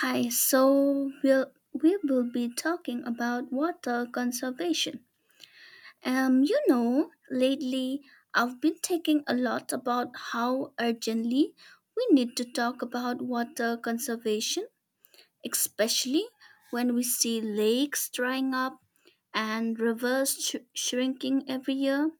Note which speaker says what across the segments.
Speaker 1: Hi, so we will be talking about water conservation. You know, lately I've been thinking a lot about how urgently we need to talk about water conservation, especially when we see lakes drying up and rivers shrinking every year.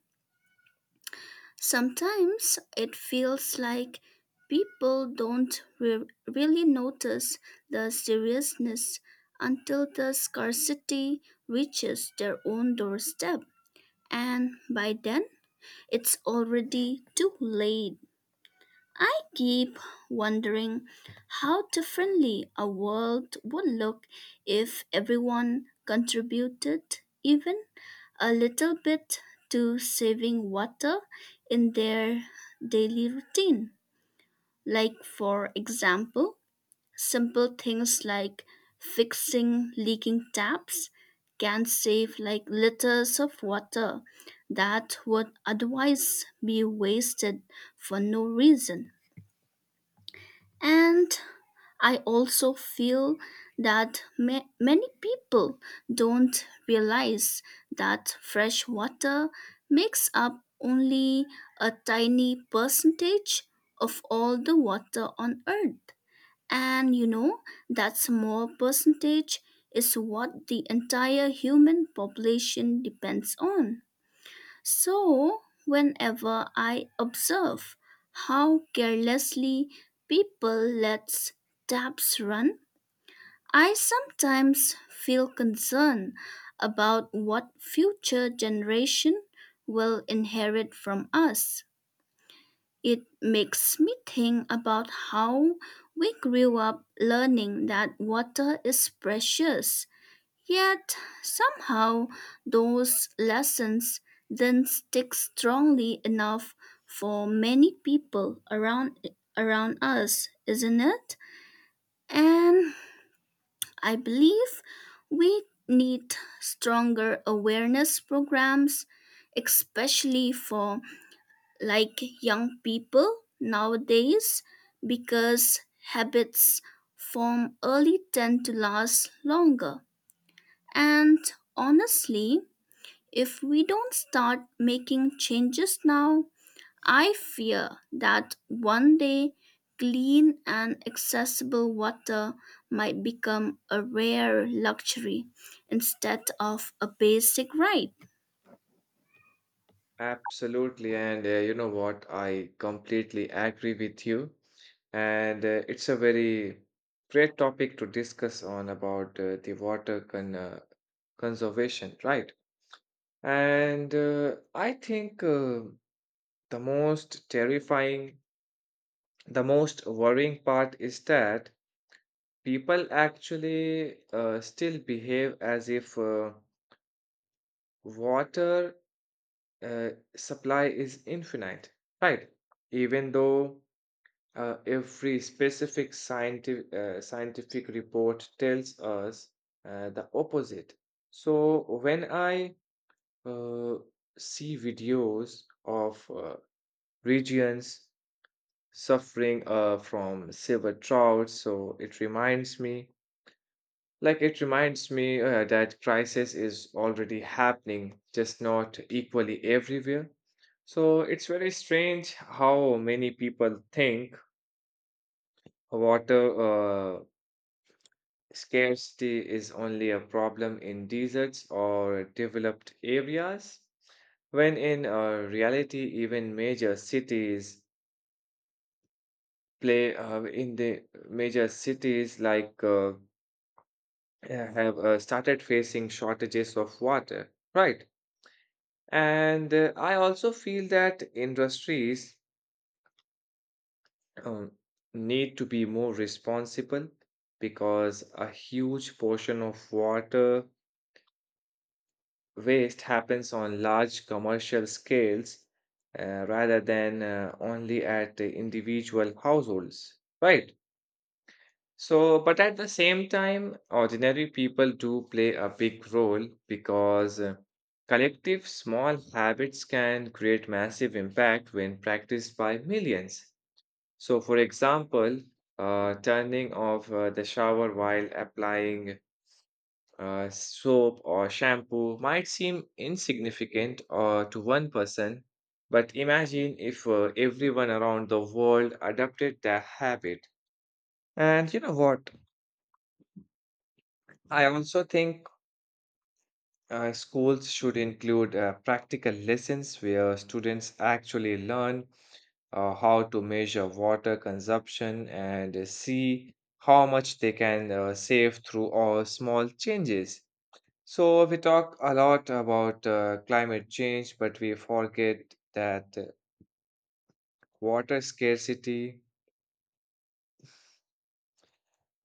Speaker 1: Sometimes it feels like people don't really notice the seriousness until the scarcity reaches their own doorstep, and by then it's already too late. I keep wondering how differently our world would look if everyone contributed even a little bit to saving water in their daily routine. Like, for example, simple things like fixing leaking taps can save like liters of water that would otherwise be wasted for no reason. And I also feel that many people don't realize that fresh water makes up only a tiny percentage of all the water on Earth. And you know, that small percentage is what the entire human population depends on. So, whenever I observe how carelessly people let taps run, I sometimes feel concerned about what future generation will inherit from us. It makes me think about how we grew up learning that water is precious. Yet somehow those lessons then stick strongly enough for many people around us, isn't it? And I believe we need stronger awareness programs, especially for like young people nowadays, because habits formed early tend to last longer. And honestly, if we don't start making changes now, I fear that one day clean and accessible water might become a rare luxury instead of a basic right.
Speaker 2: Absolutely. And you know what? I completely agree with you. And it's a very great topic to discuss on about the water con conservation, right? And I think the most terrifying, the most worrying part is that people actually still behave as if water uh, supply is infinite, right? Even though Every scientific report tells us the opposite. So when I uh, see videos of regions suffering from silver drought, so it reminds me, like it reminds me that crisis is already happening, just not equally everywhere. So it's very strange how many people think water scarcity is only a problem in deserts or developed areas, when in reality, even major cities play in the major cities have started facing shortages of water, right? And I also feel that industries um, need to be more responsible because a huge portion of water waste happens on large commercial scales rather than only at the individual households, right? So, but at the same time, ordinary people do play a big role because collective small habits can create massive impact when practiced by millions. So, for example, turning off the shower while applying soap or shampoo might seem insignificant to one person, but imagine if everyone around the world adopted that habit. And you know what? I also think schools should include practical lessons where students actually learn how to measure water consumption and see how much they can save through all small changes. So, we talk a lot about climate change, but we forget that water scarcity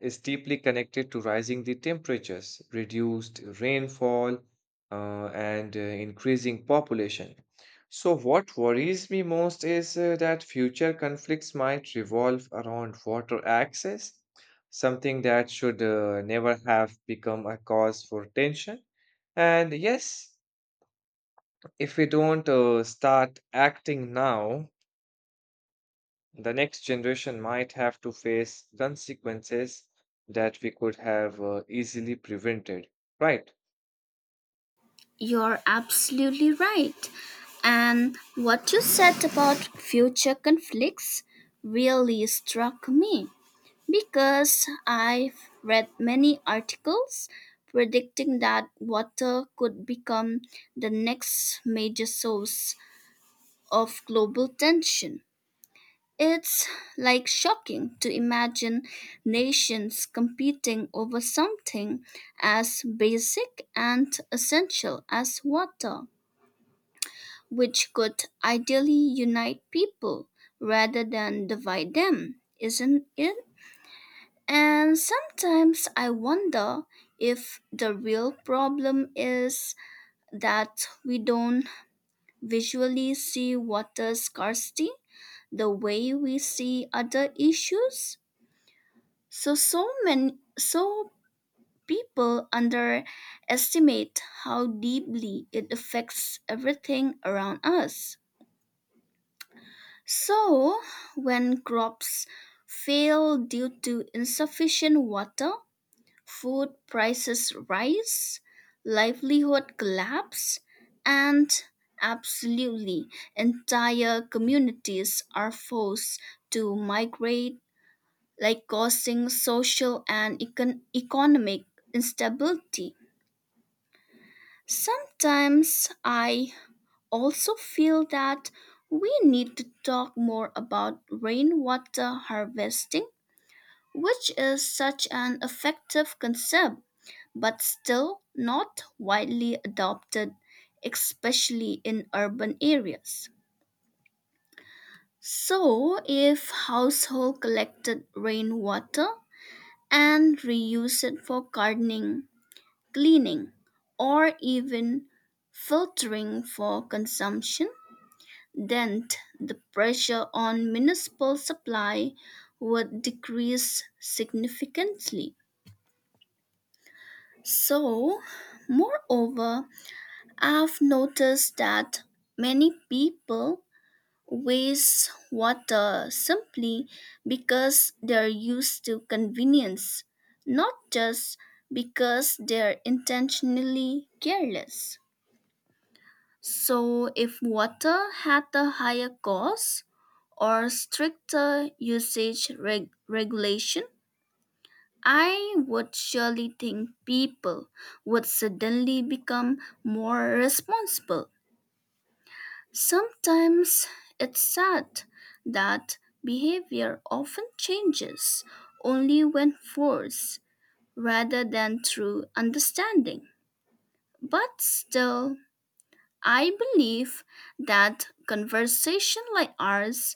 Speaker 2: is deeply connected to rising the temperatures, reduced rainfall, uh, and increasing population. So, what worries me most is that future conflicts might revolve around water access, something that should never have become a cause for tension. And yes, if we don't start acting now, the next generation might have to face consequences that we could have easily prevented. Right.
Speaker 1: You're absolutely right. And what you said about future conflicts really struck me, because I've read many articles predicting that water could become the next major source of global tension. It's like shocking to imagine nations competing over something as basic and essential as water, which could ideally unite people rather than divide them, isn't it? And sometimes I wonder if the real problem is that we don't visually see water scarcity the way we see other issues. So many people underestimate how deeply it affects everything around us. So when crops fail due to insufficient water, food prices rise, livelihood collapse, and absolutely entire communities are forced to migrate, like causing social and economic instability. Sometimes I also feel that we need to talk more about rainwater harvesting, which is such an effective concept but still not widely adopted, especially in urban areas. So, if household collected rainwater and reused it for gardening, cleaning, or even filtering for consumption, then the pressure on municipal supply would decrease significantly. So, moreover, I've noticed that many people waste water simply because they're used to convenience, not just because they're intentionally careless. So, if water had a higher cost or stricter usage regulation, I would surely think people would suddenly become more responsible. Sometimes it's sad that behavior often changes only when forced rather than through understanding. But still, I believe that conversation like ours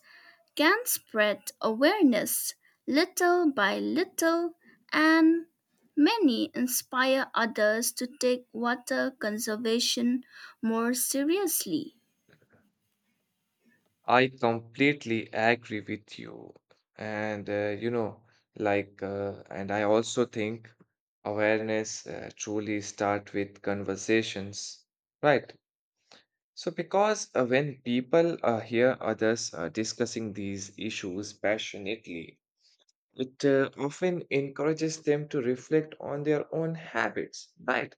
Speaker 1: can spread awareness little by little and many inspire others to take water conservation more seriously.
Speaker 2: I completely agree with you. And, I also think awareness truly start with conversations. Right. So, because when people hear others discussing these issues passionately, it often encourages them to reflect on their own habits, right?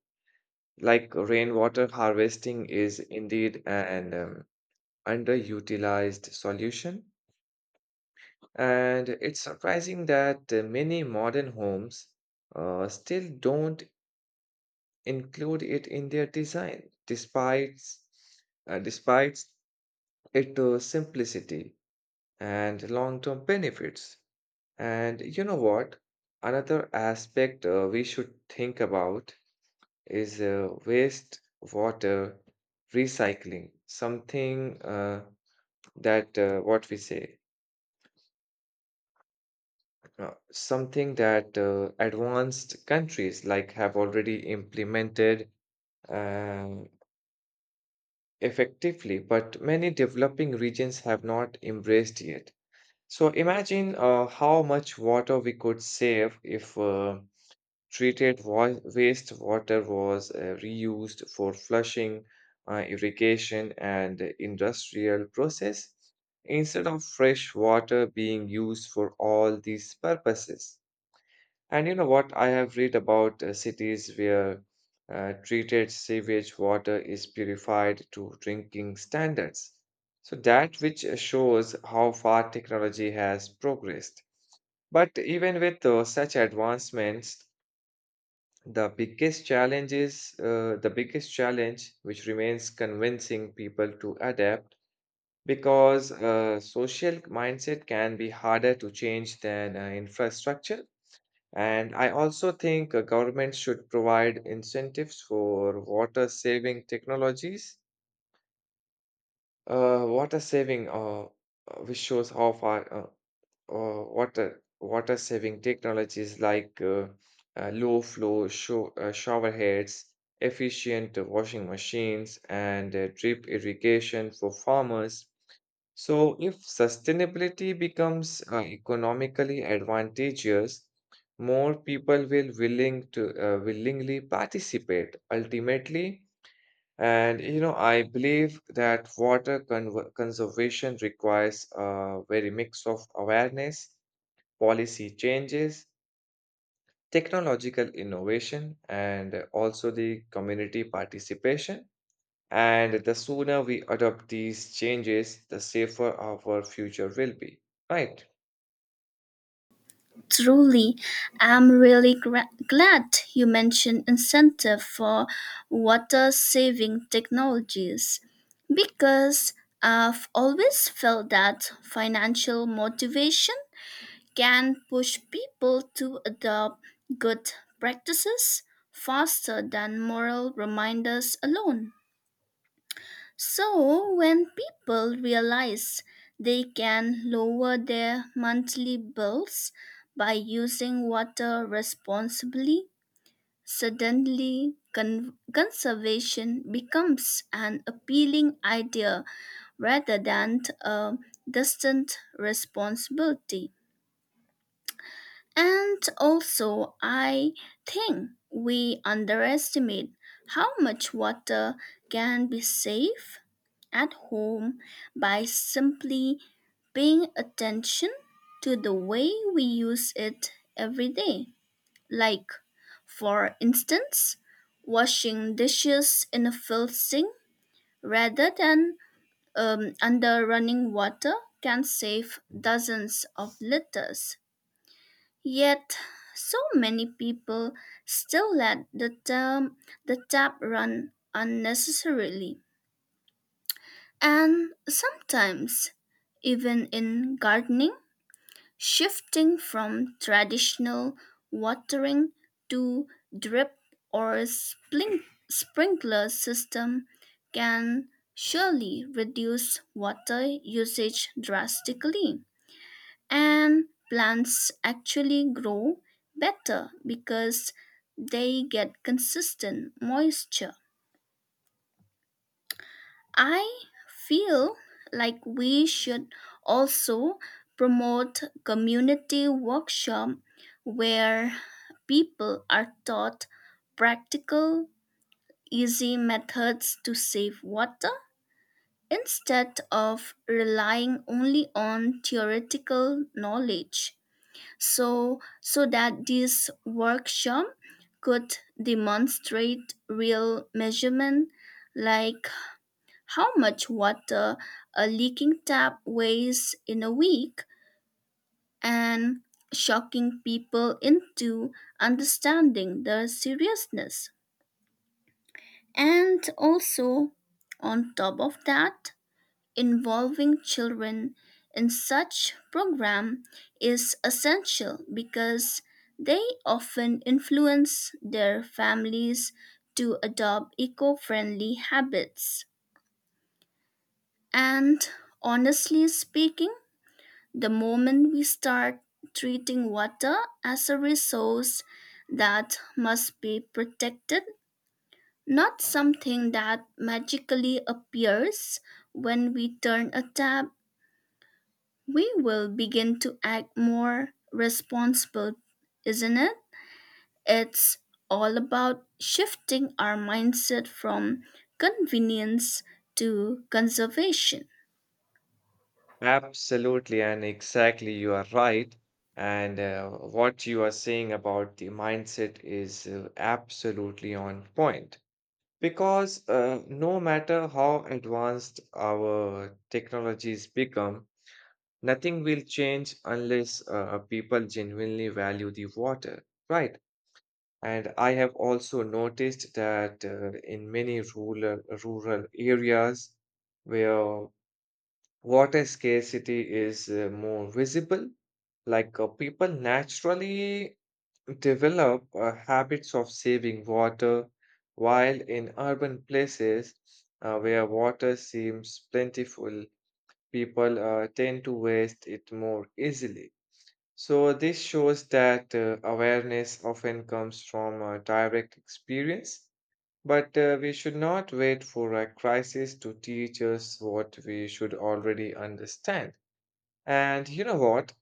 Speaker 2: Like rainwater harvesting is indeed an underutilized solution. And it's surprising that many modern homes still don't include it in their design, despite its simplicity and long term benefits. And you know what? Another aspect we should think about is waste water recycling, something that what we say, something that advanced countries like have already implemented um, effectively, but many developing regions have not embraced yet. So imagine how much water we could save if wastewater was reused for flushing, irrigation, and industrial process instead of fresh water being used for all these purposes. And you know what? I have read about cities where treated sewage water is purified to drinking standards. So that which shows how far technology has progressed. But even with such advancements, the biggest challenge, which remains convincing people to adapt because social mindset can be harder to change than infrastructure. And I also think government should provide incentives for water saving technologies. Water saving, which shows how far. Or water water saving technologies like shower heads, efficient washing machines, and drip irrigation for farmers. So, if sustainability becomes economically advantageous, more people will willing to willingly participate ultimately. And you know, I believe that conservation requires a very mix of awareness, policy changes, technological innovation, and also the community participation. And the sooner we adopt these changes, the safer our future will be. Right?
Speaker 1: Truly, I'm really glad you mentioned incentive for water saving technologies, because I've always felt that financial motivation can push people to adopt good practices faster than moral reminders alone. So, when people realize they can lower their monthly bills by using water responsibly, suddenly conservation becomes an appealing idea rather than a distant responsibility. And also, I think we underestimate how much water can be saved at home by simply paying attention to the way we use it every day. Like, for instance, washing dishes in a filled sink rather than under running water can save dozens of liters. Yet, so many people still let the term the tap run unnecessarily. And sometimes, even in gardening, shifting from traditional watering to drip or sprinkler system can surely reduce water usage drastically. And plants actually grow better because they get consistent moisture. I feel like we should also promote community workshop where people are taught practical easy methods to save water instead of relying only on theoretical knowledge. So that this workshop could demonstrate real measurement like how much water a leaking tap weighs in a week, and shocking people into understanding the seriousness, and also, on top of that, involving children in such program is essential because they often influence their families to adopt eco-friendly habits. And honestly speaking, the moment we start treating water as a resource that must be protected, not something that magically appears when we turn a tap, we will begin to act more responsible, isn't it? It's all about shifting our mindset from convenience to conservation.
Speaker 2: Absolutely, and exactly, you are right. And what you are saying about the mindset is absolutely on point. Because no matter how advanced our technologies become, nothing will change unless people genuinely value the water, right? And I have also noticed that in many rural areas where water scarcity is more visible, like people naturally develop habits of saving water, while in urban places where water seems plentiful, people tend to waste it more easily. So, this shows that awareness often comes from direct experience, but we should not wait for a crisis to teach us what we should already understand. And you know what?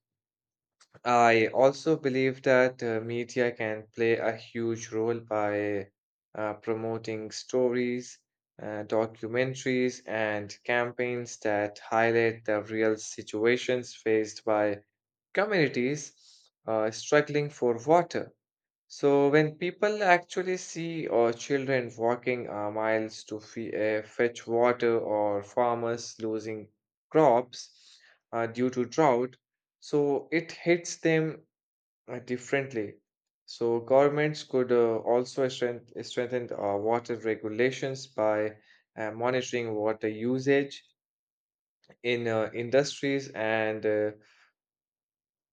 Speaker 2: I also believe that media can play a huge role by promoting stories, documentaries, and campaigns that highlight the real situations faced by communities struggling for water. So, when people actually see children walking miles to fetch water or farmers losing crops due to drought, so it hits them differently. So, governments could also strengthen water regulations by monitoring water usage in industries and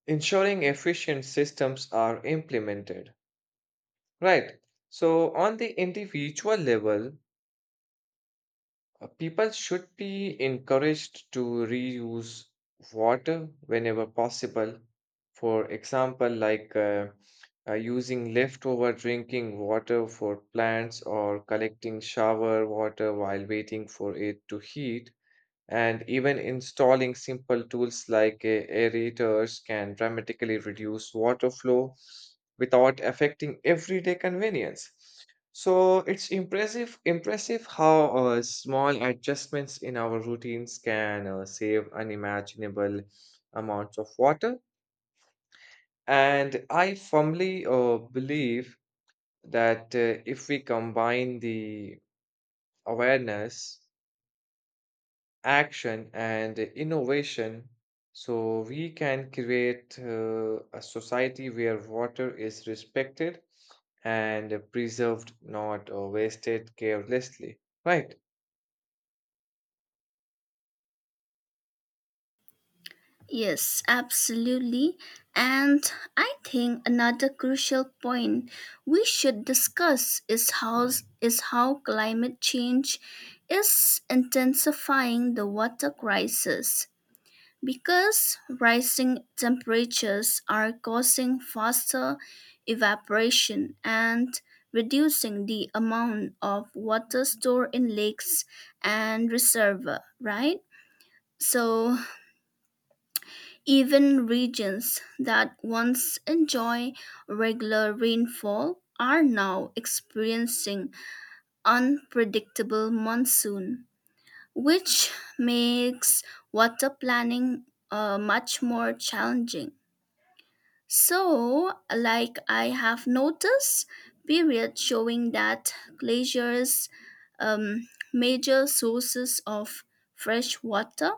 Speaker 2: ensuring efficient systems are implemented. Right. So, on the individual level, people should be encouraged to reuse water whenever possible. For example, using leftover drinking water for plants or collecting shower water while waiting for it to heat. And even installing simple tools like aerators can dramatically reduce water flow without affecting everyday convenience. So it's impressive how small adjustments in our routines can save unimaginable amounts of water. And I firmly believe that if we combine the awareness, action and innovation, so we can create a society where water is respected and preserved, not wasted carelessly, right?
Speaker 1: Yes, absolutely. And I think another crucial point we should discuss is how climate change is intensifying the water crisis, because rising temperatures are causing faster evaporation and reducing the amount of water stored in lakes and reservoirs, right? So, even regions that once enjoy regular rainfall are now experiencing unpredictable monsoon, which makes water planning much more challenging. So, like, I have noticed periods showing that glaciers, major sources of fresh water,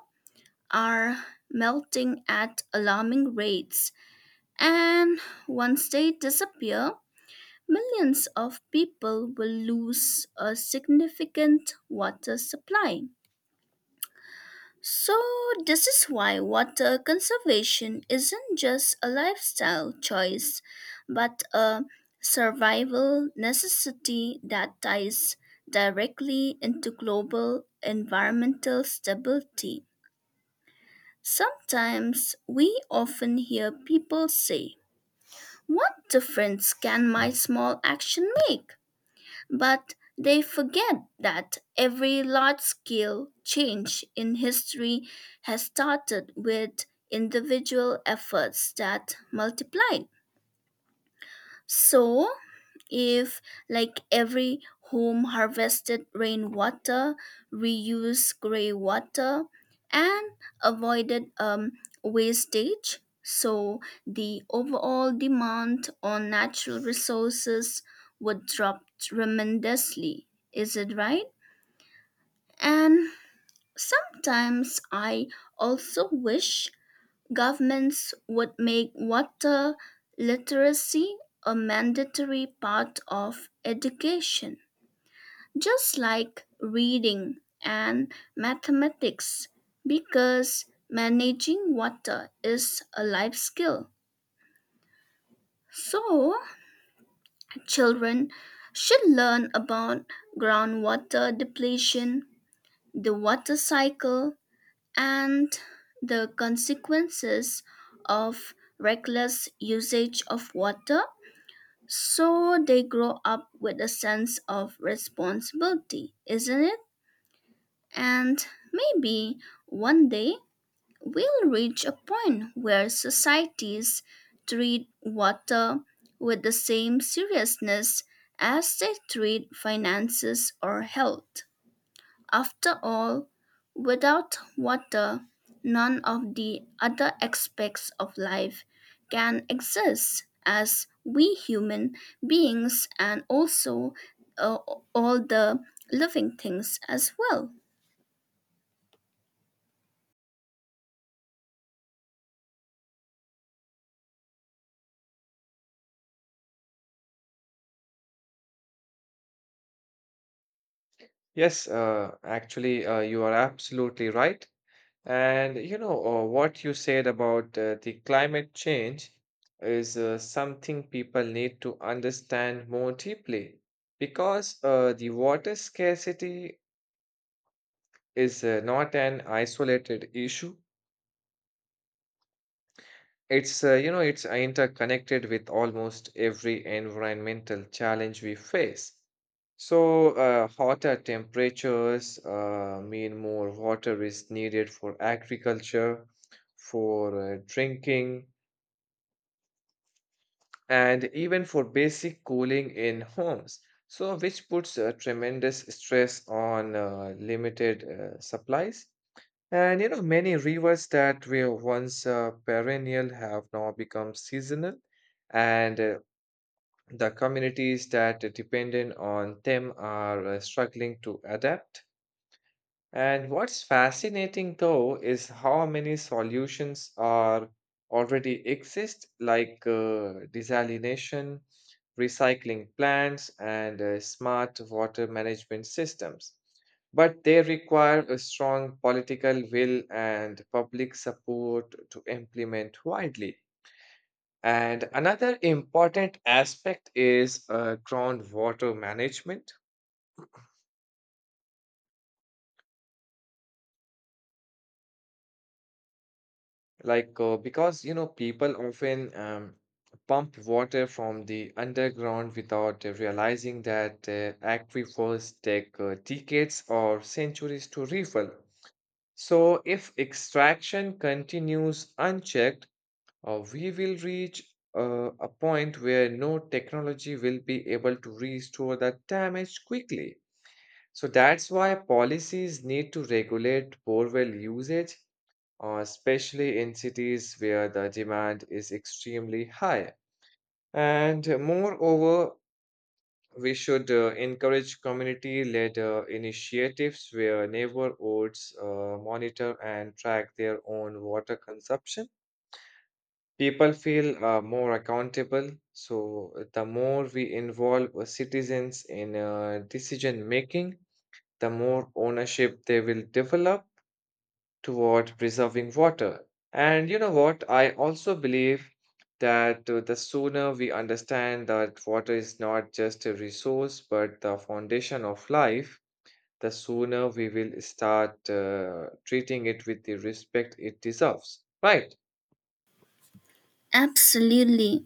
Speaker 1: are melting at alarming rates. And once they disappear, millions of people will lose a significant water supply. So, this is why water conservation isn't just a lifestyle choice, but a survival necessity that ties directly into global environmental stability. Sometimes we often hear people say, "What difference can my small action make?" But they forget that every large scale change in history has started with individual efforts that multiplied. So, if, like every home, harvested rainwater, reused gray water, and avoided wastage, so the overall demand on natural resources would drop tremendously. Is it right? And sometimes I also wish governments would make water literacy a mandatory part of education, just like reading and mathematics, because managing water is a life skill. So, children should learn about groundwater depletion, the water cycle, and the consequences of reckless usage of water, so they grow up with a sense of responsibility, isn't it? And maybe one day we'll reach a point where societies treat water with the same seriousness as they treat finances or health. After all, without water, none of the other aspects of life can exist, as we human beings and also uh, all the living things as well.
Speaker 2: Yes, actually you are absolutely right. And you know, what you said about the climate change is something people need to understand more deeply, because the water scarcity is not an isolated issue. It's you know, it's interconnected with almost every environmental challenge we face. So hotter temperatures mean more water is needed for agriculture, for drinking, and even for basic cooling in homes. So which puts a tremendous stress on limited supplies. And you know, many rivers that were once perennial have now become seasonal, and the communities that depended on them are struggling to adapt. And what's fascinating though is how many solutions are already exist, like desalination, recycling plants, and smart water management systems. But they require a strong political will and public support to implement widely. And another important aspect is groundwater management. Because, you know, people often pump water from the underground without realizing that aquifers take decades or centuries to refill. So, if extraction continues unchecked, we will reach a point where no technology will be able to restore the damage quickly. So, that's why policies need to regulate borewell usage especially in cities where the demand is extremely high. And moreover, we should encourage community led initiatives where neighborhoods monitor and track their own water consumption. People feel more accountable. So, the more we involve citizens in decision making, the more ownership they will develop toward preserving water. And you know what? I also believe that the sooner we understand that water is not just a resource but the foundation of life, the sooner we will start treating it with the respect it deserves. Right?
Speaker 1: Absolutely.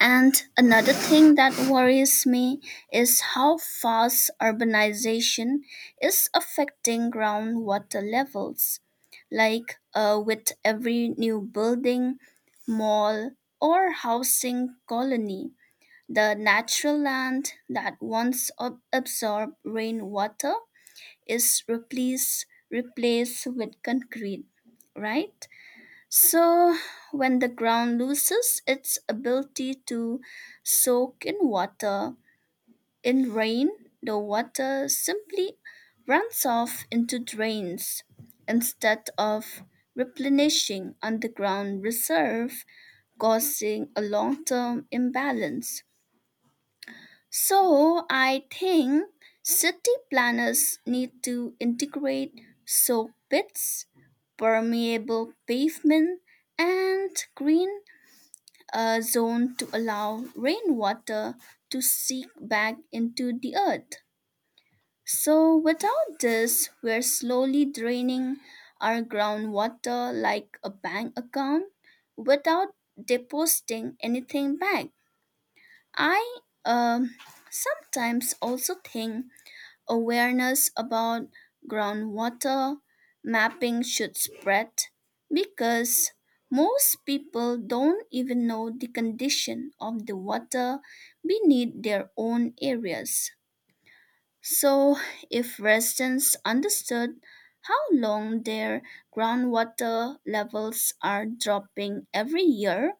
Speaker 1: And another thing that worries me is how fast urbanization is affecting groundwater levels. Like with every new building, mall, or housing colony, the natural land that once absorbed rainwater is replaced with concrete, right? So, when the ground loses its ability to soak in water, in rain, the water simply runs off into drains instead of replenishing underground reserve, causing a long term imbalance. So I think city planners need to integrate soak pits, permeable pavement, and green zone to allow rainwater to seep back into the earth. So without this, we're slowly draining our groundwater like a bank account without depositing anything back. I um, sometimes also think awareness about groundwater mapping should spread, because most people don't even know the condition of the water beneath their own areas. So, if residents understood how long their groundwater levels are dropping every year,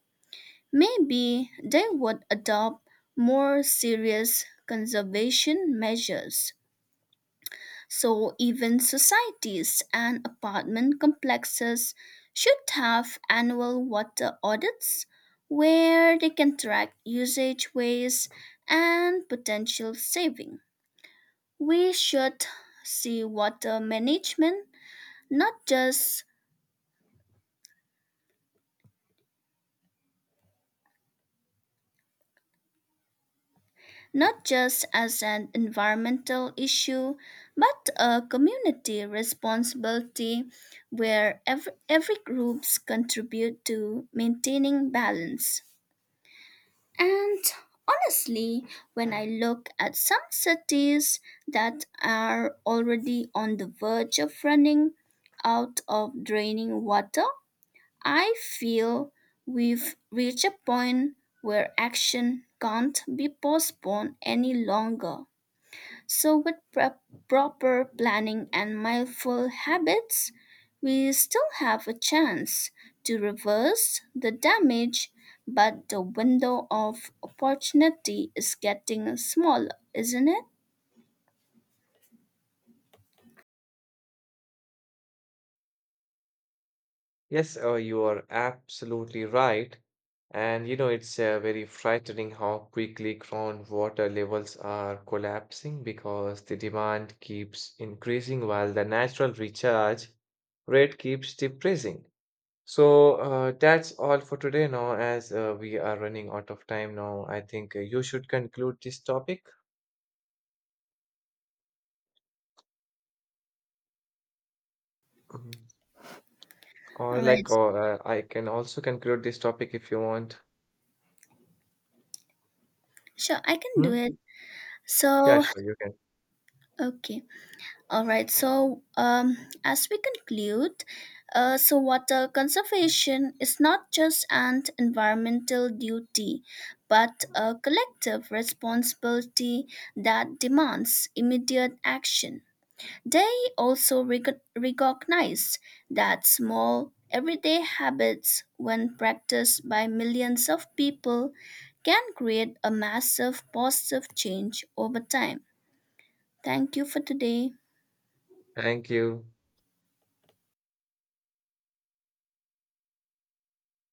Speaker 1: maybe they would adopt more serious conservation measures. So, even societies and apartment complexes should have annual water audits where they can track usage waste and potential saving. We should see water management not just not just as an environmental issue but a community responsibility where every groups contribute to maintaining balance. And honestly, when I look at some cities that are already on the verge of running out of draining water, I feel we've reached a point where action can't be postponed any longer. So, with proper planning and mindful habits, we still have a chance to reverse the damage, but the window of opportunity is getting smaller, isn't it?
Speaker 2: Yes, you are absolutely right. And you know, it's very frightening how quickly groundwater levels are collapsing because the demand keeps increasing while the natural recharge rate keeps decreasing. So that's all for today now, as we are running out of time now. I think you should conclude this topic. Mhm. or
Speaker 1: All right,
Speaker 2: like, or uh, I can also conclude this topic if you want.
Speaker 1: sure, I can do
Speaker 2: Hmm?
Speaker 1: it.
Speaker 2: Yeah,
Speaker 1: So,
Speaker 2: sure, you can.
Speaker 1: okay. All right. So, as we conclude, so water conservation is not just an environmental duty, but a collective responsibility that demands immediate action. They also recognize that small, everyday habits, when practiced by millions of people, can create a massive positive change over time. Thank you for today.
Speaker 2: Thank you.